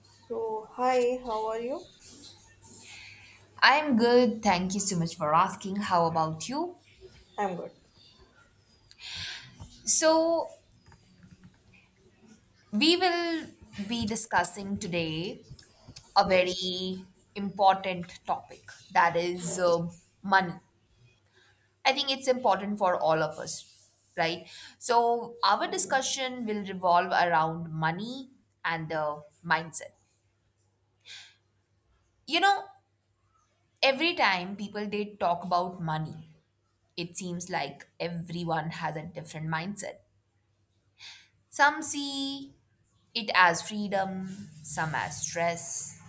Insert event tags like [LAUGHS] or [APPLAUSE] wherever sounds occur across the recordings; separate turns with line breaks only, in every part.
So, hi, how are you?
I'm good. Thank you so much for asking. How about you?
I'm good.
So, we will be discussing today a
Yes.
very important topic that is money. I think it's important for all of us, right? So, our discussion will revolve around money and the mindset. You know, every time people they talk about money, it seems like everyone has a different mindset. Some see it as freedom, some as stress.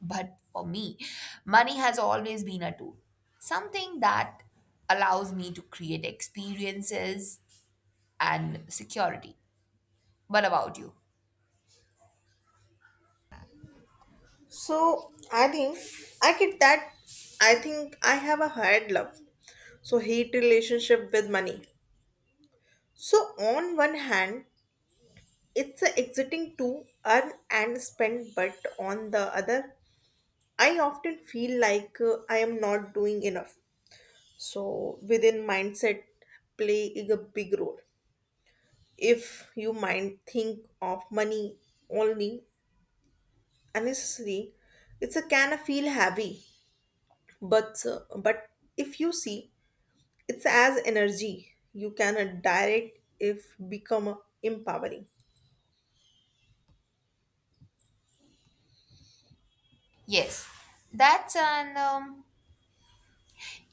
But for me, money has always been a tool, something that allows me to create experiences and security. What about you?
I think I get that. I think I have a hard love. Hate relationship with money. So, on one hand, it's a exiting to earn and spend, but on the other, I often feel like I am not doing enough. So, within mindset, play is a big role. If you mind think of money only honestly it's a can of feel heavy but if you see it's as energy you can direct if become empowering.
Yes, that's an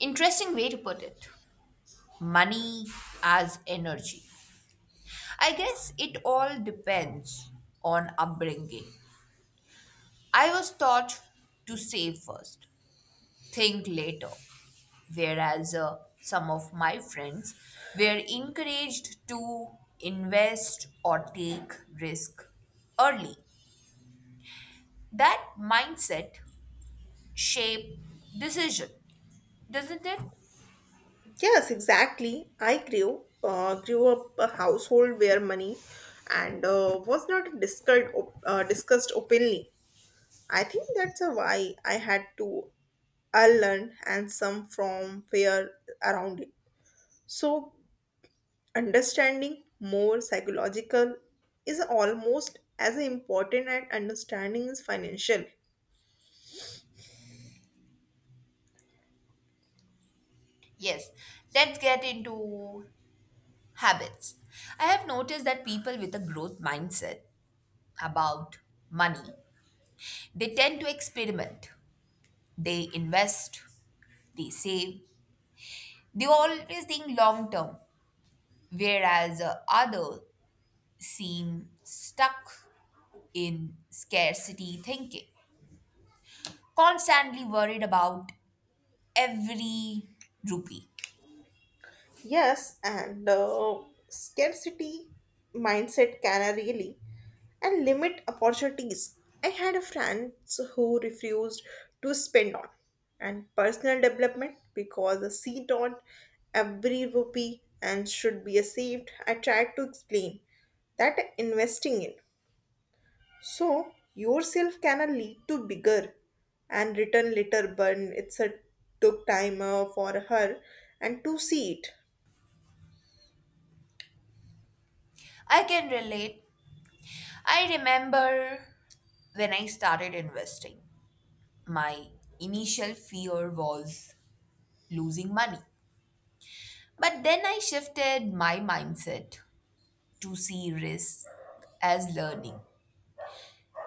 interesting way to put it. Money as energy. I guess it all depends on upbringing. I was taught to save first, think later, whereas some of my friends were encouraged to invest or take risk early. That mindset shape decision, doesn't it?
Yes, exactly, I grew up a household where money and was not discussed discussed openly. I think that's a why I had to unlearn and some from fear around it. So understanding more psychological is almost as important as understanding is financial.
Yes, let's get into habits. I have noticed that people with a growth mindset about money, they tend to experiment, they invest, they save, they always think long term, whereas others seem stuck in scarcity thinking, constantly worried about every rupee.
Yes, and scarcity mindset can really and limit opportunities. I had a friend who refused to spend on and personal development because she thought every rupee and should be saved. I tried to explain that investing in yourself can lead to bigger and return later burn. It's a took time for her and to see it.
I can relate. I remember when I started investing, my initial fear was losing money. But then I shifted my mindset to see risk as learning.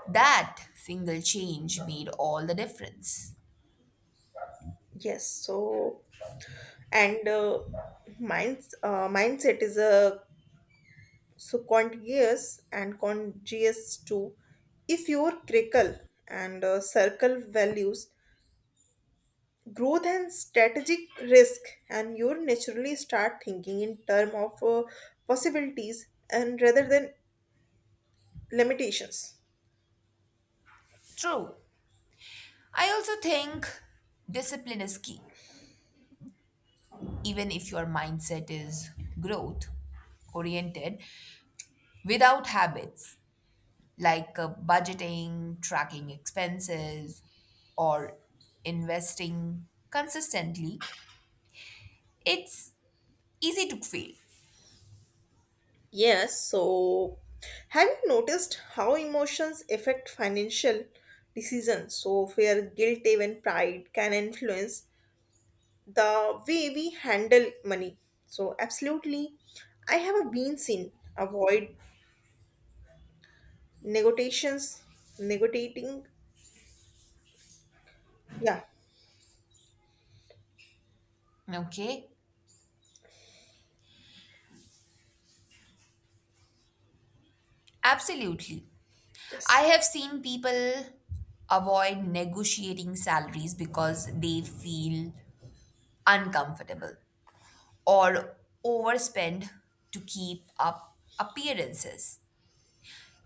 That single change made all the difference.
Yes, so and mindset is a so contiguous and congeous too. If your crickle and circle values growth and strategic risk, and you naturally start thinking in term of possibilities and rather than limitations.
True, I also think discipline is key, even if your mindset is growth oriented. Without habits like budgeting, tracking expenses, or investing consistently, it's easy to fail.
Yes, so have you noticed how emotions affect financial decisions? So, fear, guilt, even pride can influence the way we handle money. So, absolutely, I have been seen avoid negotiations, negotiating. Yeah,
Okay, absolutely. I
just
have seen people avoid negotiating salaries because they feel uncomfortable or overspend to keep up appearances.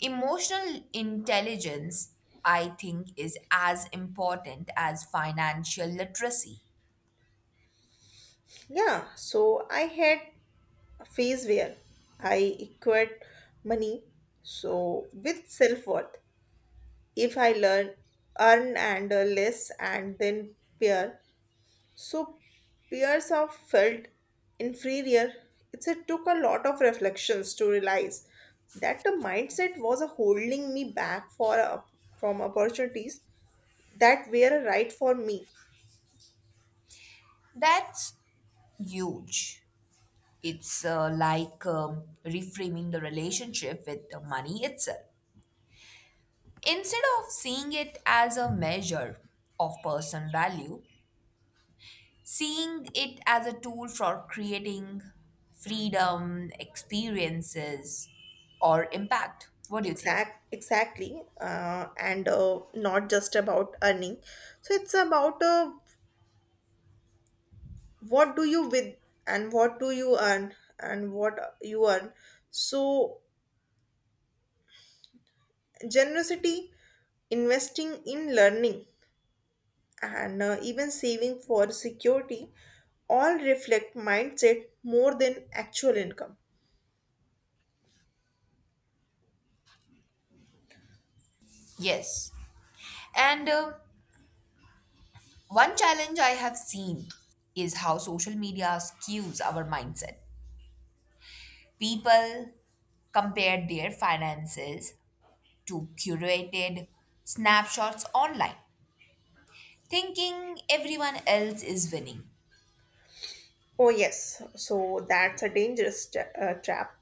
Emotional intelligence, I think, is as important as financial literacy.
yeah. So, I had a phase where I equate money so with self worth if I learn earn and less and then peer. So peers are felt inferior. It took a lot of reflections to realize that the mindset was a holding me back for a, from opportunities that were right for me.
That's huge. It's like reframing the relationship with the money itself. Instead of seeing it as a measure of personal value, seeing it as a tool for creating freedom, experiences, or impact. What do you think?
Exactly, and not just about earning. So it's about what do you with what do you earn and what you earn. So generosity, investing in learning, and even saving for security all reflect mindset more than actual income.
Yes. And one challenge I have seen is how social media skews our mindset. People compare their finances to curated snapshots online, thinking everyone else is winning.
Oh, yes, so that's a dangerous trap.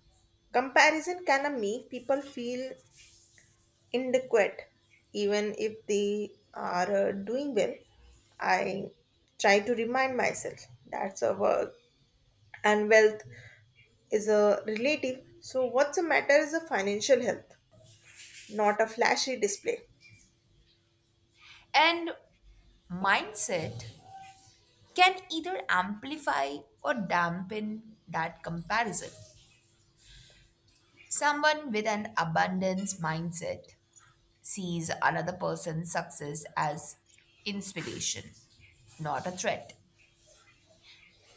Comparison can make people feel inadequate even if they are doing well. I try to remind myself that's a work and wealth is a relative. So, what's the matter is a financial health, not a flashy display.
And mindset can either amplify or dampen that comparison. Someone with an abundance mindset sees another person's success as inspiration, not a threat.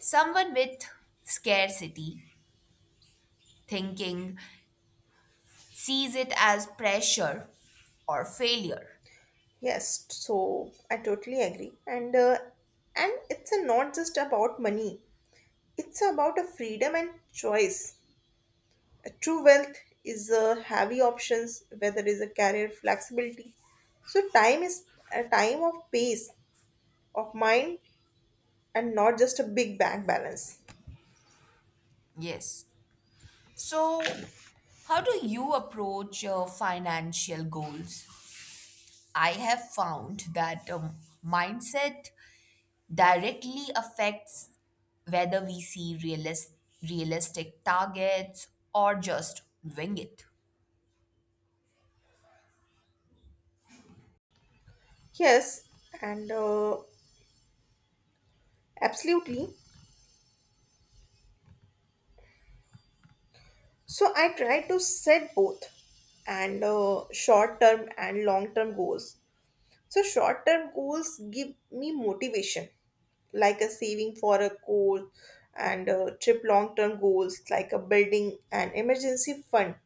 Someone with scarcity thinking sees it as pressure or failure.
Yes, so I totally agree and it's a not just about money, it's about a freedom and choice. A true wealth is a heavy options whether is a career flexibility, so time is a time of pace of mind and not just a big bank balance.
Yes. So, how do you approach your financial goals? I have found that mindset directly affects whether we see realistic targets or just wing it.
Yes, and absolutely, so I try to set both and short term and long term goals. So short term goals give me motivation, like a saving for a course and trip. Long term goals like a building an emergency fund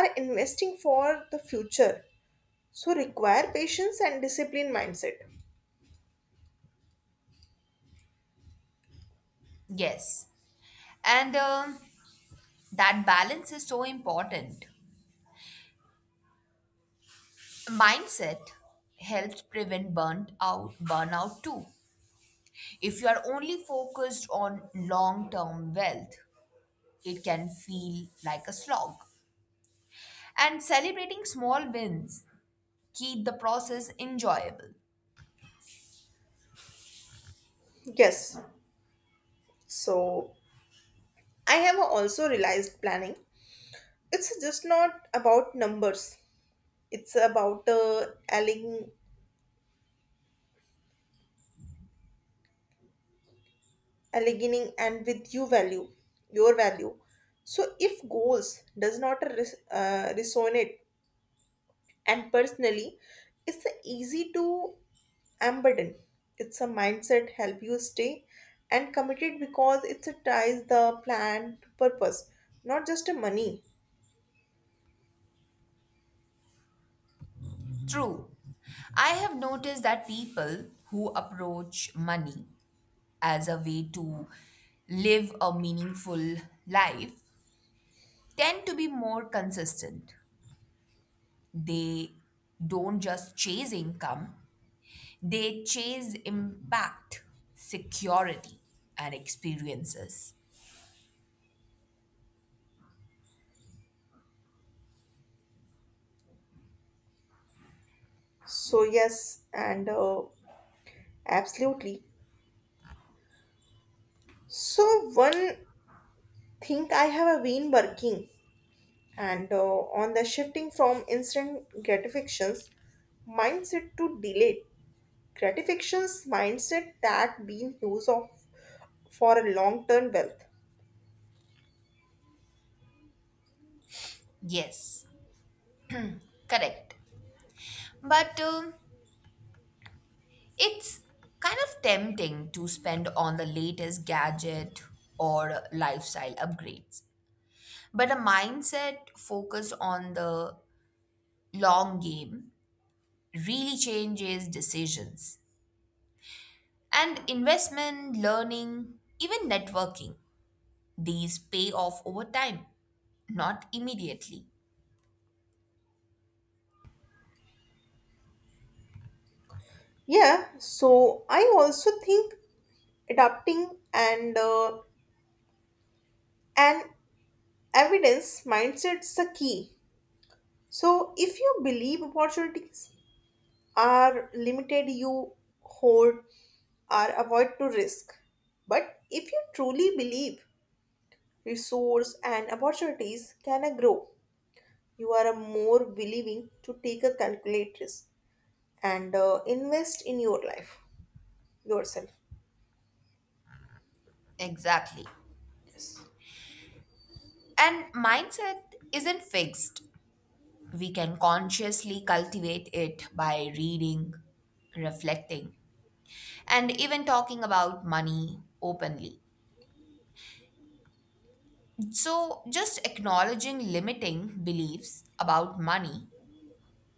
are investing for the future. So require patience and discipline mindset.
Yes. And that balance is so important. Mindset helps prevent burnt out burnout too. If you are only focused on long-term wealth, it can feel like a slog. And celebrating small wins keep the process enjoyable.
Yes. So I have also realized planning. It's just not about numbers. It's about aligning and with your value. So if goals does not resonate and personally it's easy to unburden. It's a mindset help you stay and committed because it's a ties the plan to purpose, not just a money.
True. I have noticed that people who approach money as a way to live a meaningful life tend to be more consistent. They don't just chase income, they chase impact, security, and experiences.
So yes, and absolutely, so one thing I have been working and on the shifting from instant gratifications mindset to delayed gratifications mindset that been used of for a long term wealth.
Yes, correct. But it's kind of tempting to spend on the latest gadget or lifestyle upgrades. But a mindset focused on the long game really changes decisions. And investment, learning, even networking, these pay off over time, not immediately.
Yeah, so I also think adapting and an evidence mindset is a key. So if you believe opportunities are limited you hold or avoid to risk, but if you truly believe resource and opportunities can I grow, you are a more willing to take a calculated risk and invest in your life, yourself.
Exactly.
Yes.
And mindset isn't fixed. We can consciously cultivate it by reading, reflecting, and even talking about money openly. So, just acknowledging limiting beliefs about money,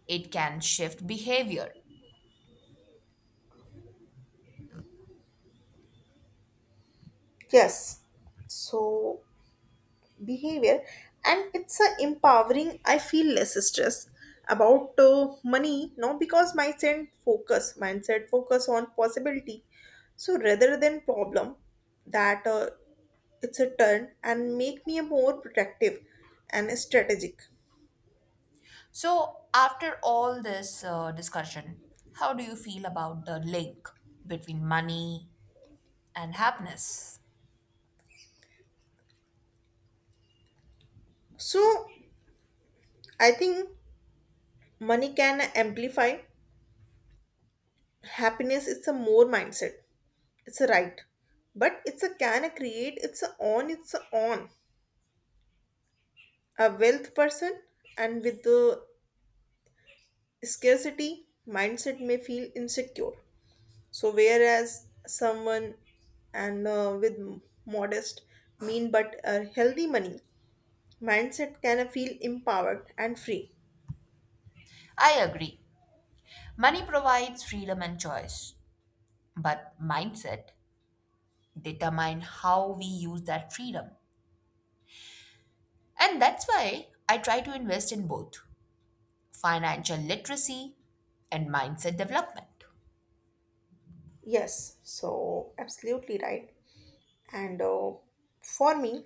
it can shift behavior.
Yes. So behavior and it's a empowering. I feel less stress about money no because my mindset focus on possibility, so rather than problem that it's a turn and make me a more protective and strategic.
So, after all this discussion, how do you feel about the link between money and happiness?
So I think money can amplify happiness. It's a more mindset. It's a right, but it's a can create. It's a on. A wealth person and with the scarcity mindset may feel insecure. So whereas someone and with modest, mean but a healthy money mindset can feel empowered and free.
I agree. Money provides freedom and choice, but mindset determine how we use that freedom. And that's why I try to invest in both financial literacy and mindset development.
Yes, so absolutely right. And for me,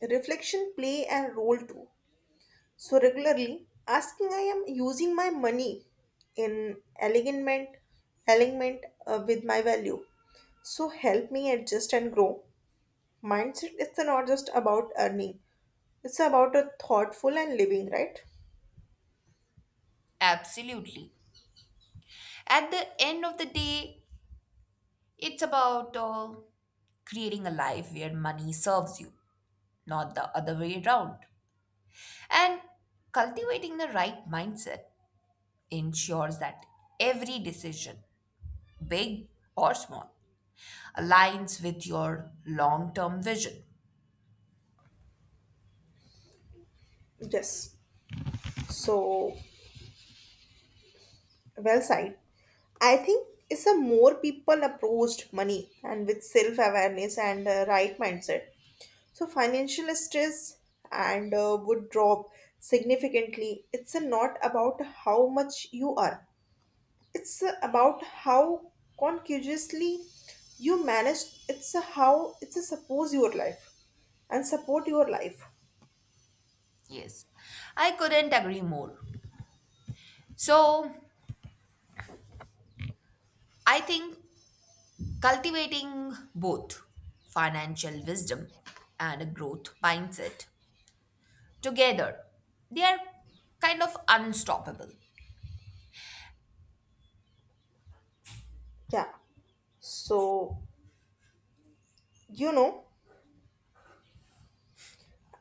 reflection play a role too. So regularly asking I am using my money in alignment with my value. So help me adjust and grow. Mindset is not just about earning. It's about a thoughtful and living, right?
Absolutely. At the end of the day, it's about creating a life where money serves you, not the other way around. And cultivating the right mindset ensures that every decision, big or small, aligns with your long term vision.
Yes. So well said. I think it's a more people approached money and with self awareness and right mindset. So financial stress and would drop significantly. It's not about how much you are. It's about how conscientiously you manage. It's how it's suppose your life and support your life.
Yes, I couldn't agree more. So, I think cultivating both financial wisdom and a growth mindset together, they are kind of unstoppable.
Yeah. So you know,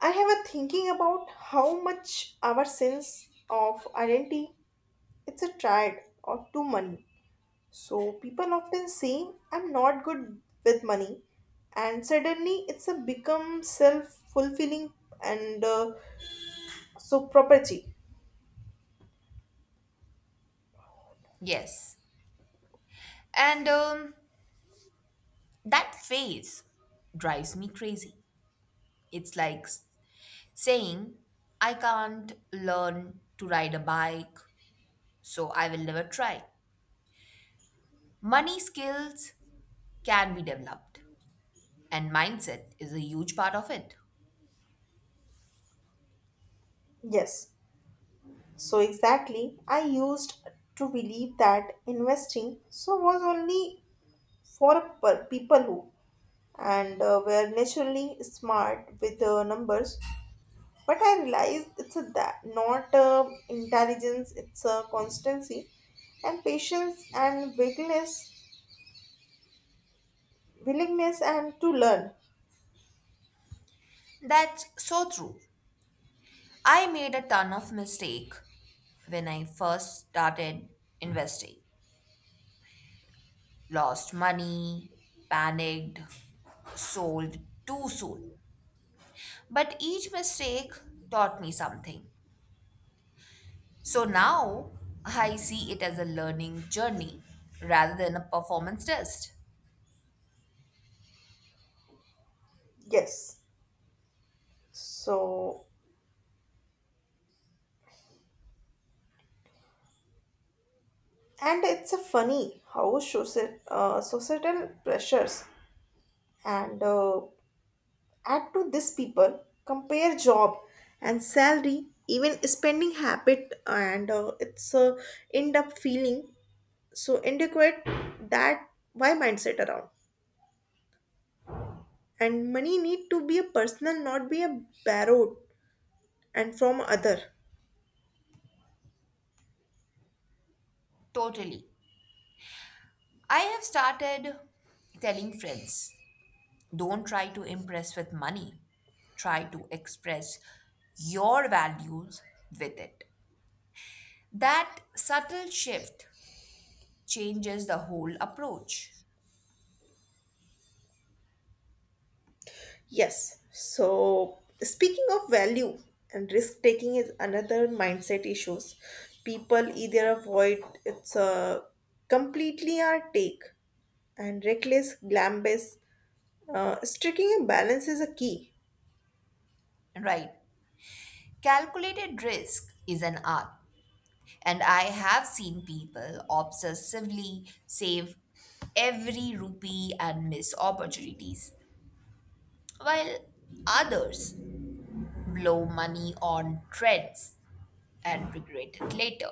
I have a thinking about how much our sense of identity it's a tried or too money. So people often say I'm not good with money, and suddenly it's a become self fulfilling and so property.
Yes, and that phase drives me crazy. It's like saying I can't learn to ride a bike, so I will never try. Money skills can be developed, and mindset is a huge part of it.
Yes, so exactly. I used to believe that investing so was only for people who and were naturally smart with the numbers. But I realized it's a that not intelligence; it's a constancy and patience and vigilance willingness and to learn.
That's so true. I made a ton of mistake when I first started investing, lost money, panicked, sold too soon. But each mistake taught me something. So now I see it as a learning journey rather than a performance test.
Yes, so and it's a funny how societal pressures and add to this. People compare job and salary even spending habit and it's a end up feeling so inadequate. That why mindset around and money need to be a personal, not be a borrowed and from other.
Totally. I have started telling friends, don't try to impress with money, try to express your values with it. That subtle shift changes the whole approach.
Yes. So speaking of value and risk taking is another mindset issues. People either avoid it's a completely or take and reckless glam based. Striking a balance is a key.
Right. Calculated risk is an art, and I have seen people obsessively save every rupee and miss opportunities, while others blow money on trends and regret it later.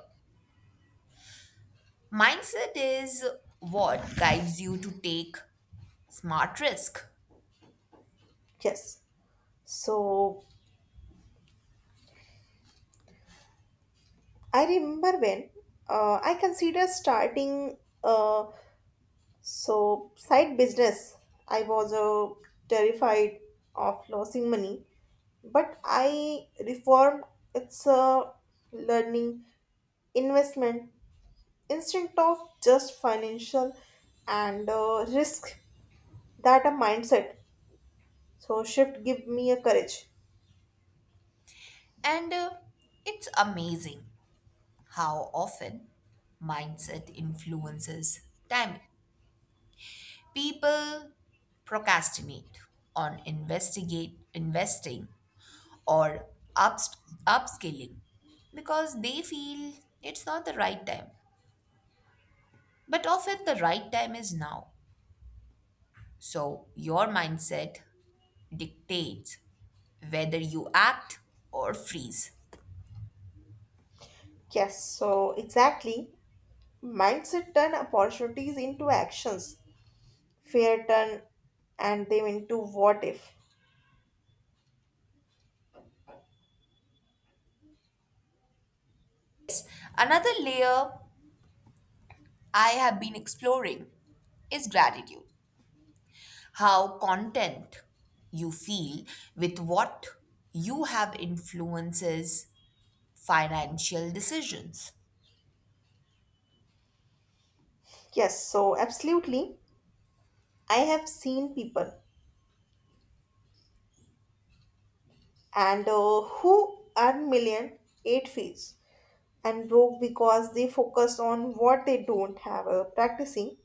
Mindset is what guides you to take smart risk,
Yes. So I remember when I considered starting a side business, I was terrified of losing money, but I reformed. It's a learning investment instead of just financial and risk. That a mindset. So, shift give me a courage.
and it's amazing how often mindset influences timing. People procrastinate on investigate investing or ups, upscaling because they feel it's not the right time. But often the right time is now. So your mindset dictates whether you act or freeze.
Yes, so exactly. Mindset turn opportunities into actions, fear turn and them into what if.
Another layer I have been exploring is gratitude. How content you feel with what you have influences financial decisions.
Yes, so absolutely. I have seen people and who earn million eight fees and broke because they focus on what they don't have practicing.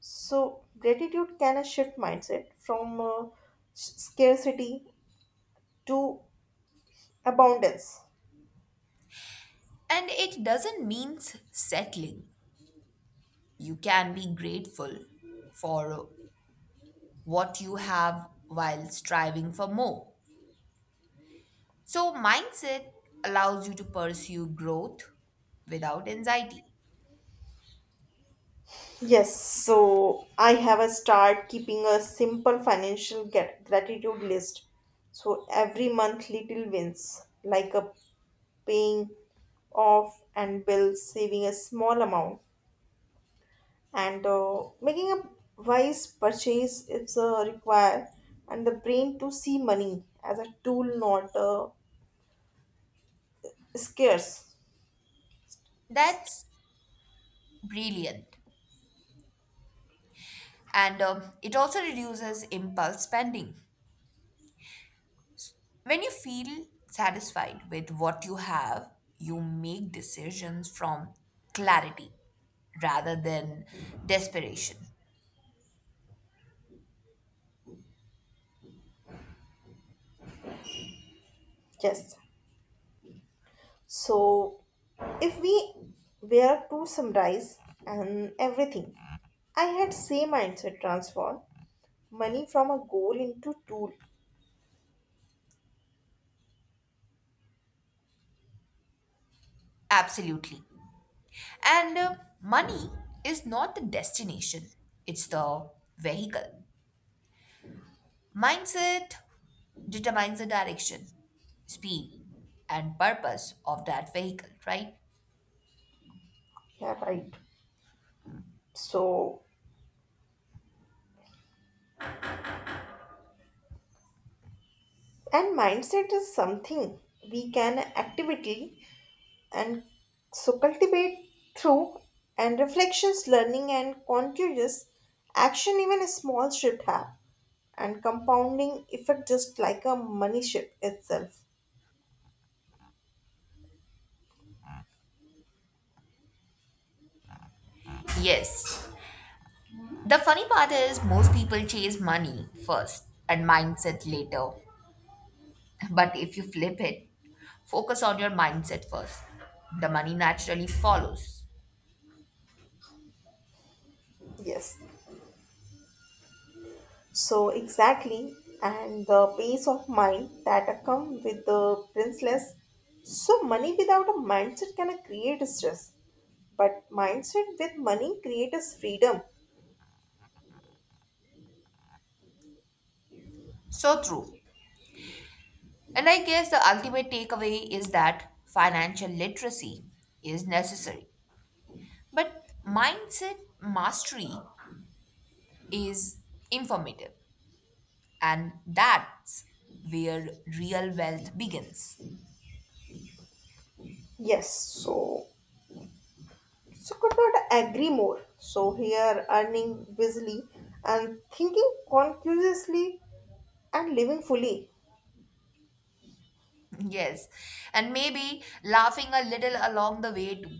So gratitude can shift mindset from scarcity to abundance.
And it doesn't mean settling. You can be grateful for what you have while striving for more. So, mindset allows you to pursue growth without anxiety.
Yes, so I have a start keeping a simple financial gratitude list. So every month, little wins like a paying off and bill, saving a small amount and making a wise purchase. It's require and the brain to see money as a tool not scarce.
That's brilliant. And it also reduces impulse spending. When you feel satisfied with what you have, you make decisions from clarity rather than desperation.
Yes, so if we were to summarize and everything I had same mindset transform money from a goal into tool.
Absolutely. And money is not the destination, it's the vehicle. Mindset determines the direction, speed, and purpose of that vehicle, right?
Yeah, right, so and mindset is something we can actively and so cultivate through and reflections learning and continuous action. Even a small shift have and compounding effect just like a money shift itself.
Yes. The funny part is most people chase money first and mindset later. But if you flip it, focus on your mindset first. The money naturally follows.
Yes, so exactly, and the peace of mind that come with the princess. So money without a mindset can create stress, but mindset with money creates freedom.
So true. And I guess the ultimate takeaway is that financial literacy is necessary, but mindset mastery is informative, and that's where real wealth begins.
Yes, so could not agree more. So here earning busily and thinking consciously and living fully.
[LAUGHS] Yes, and maybe laughing a little along the way too.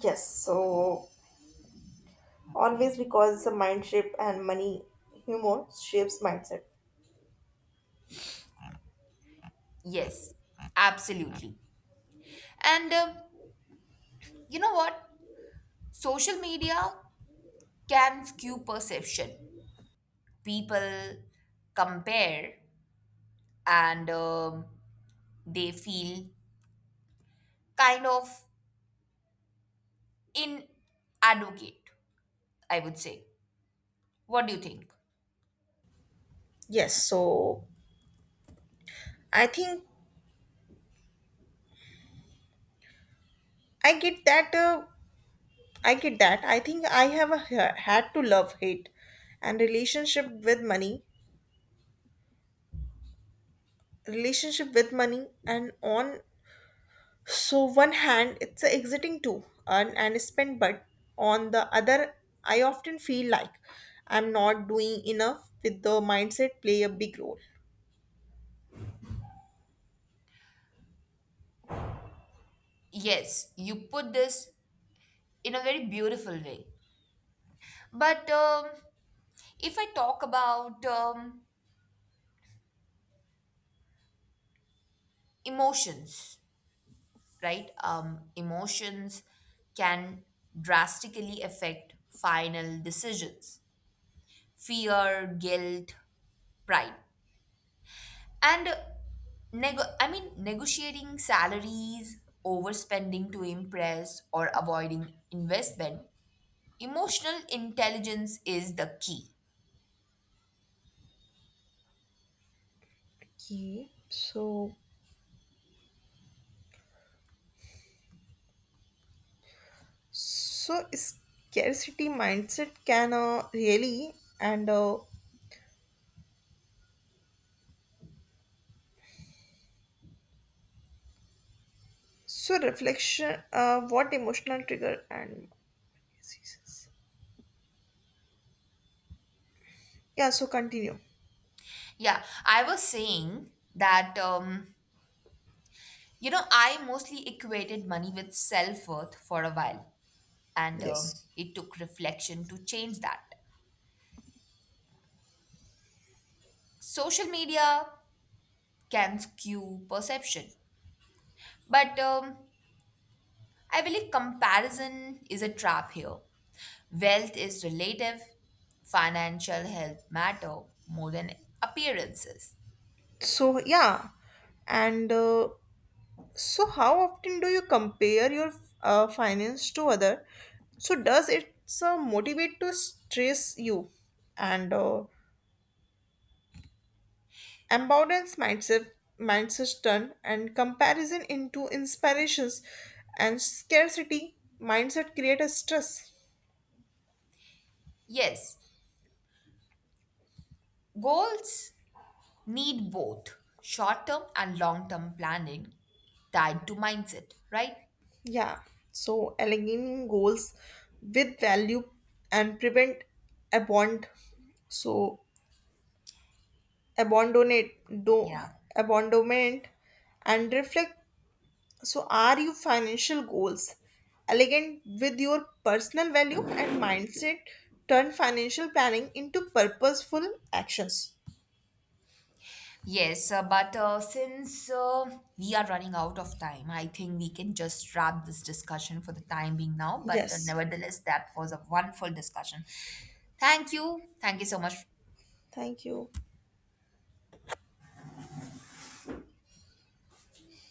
Yes, so always because the mind shape and money humor shapes mindset.
Yes, absolutely. And you know what? Social media can skew perception. People compare and they feel kind of inadequate, I would say. What do you think?
Yes, so I think I get that. Uh, I get that. I think I have a, had to love hate and relationship with money, and on. So one hand it's a exiting to earn and spend, but on the other, I often feel like I'm not doing enough with the mindset play a big role.
Yes, you put this in a very beautiful way. But if I talk about emotions, right? Emotions can drastically affect final decisions: fear, guilt, pride. And negotiating salaries, overspending to impress, or avoiding investment, emotional intelligence is the key.
Okay, so scarcity mindset can really and so reflection what emotional trigger and diseases? Yeah, so continue.
Yeah, I was saying that, you know, I mostly equated money with self worth for a while, and
Yes,
it took reflection to change that. Social media can skew perception, but I believe comparison is a trap here. Wealth is relative. Financial health matter more than appearances.
so yeah, and so, how often do you compare your finance to other? So, does it motivate to stress you? And abundance mindset, mindset turn and comparison into inspirations, and scarcity mindset create a stress.
Yes, goals need both short-term and long-term planning tied to mindset, right?
Yeah. So, aligning goals with value and prevent abond. So, abandonate, do
Yeah.
abandonment and reflect. So, are your financial goals elegant with your personal value and mindset? Turn financial planning into purposeful actions.
Yes, but since we are running out of time, I think we can just wrap this discussion for the time being now. But
Yes.
nevertheless, that was a wonderful discussion. Thank you. Thank you so much
Thank you.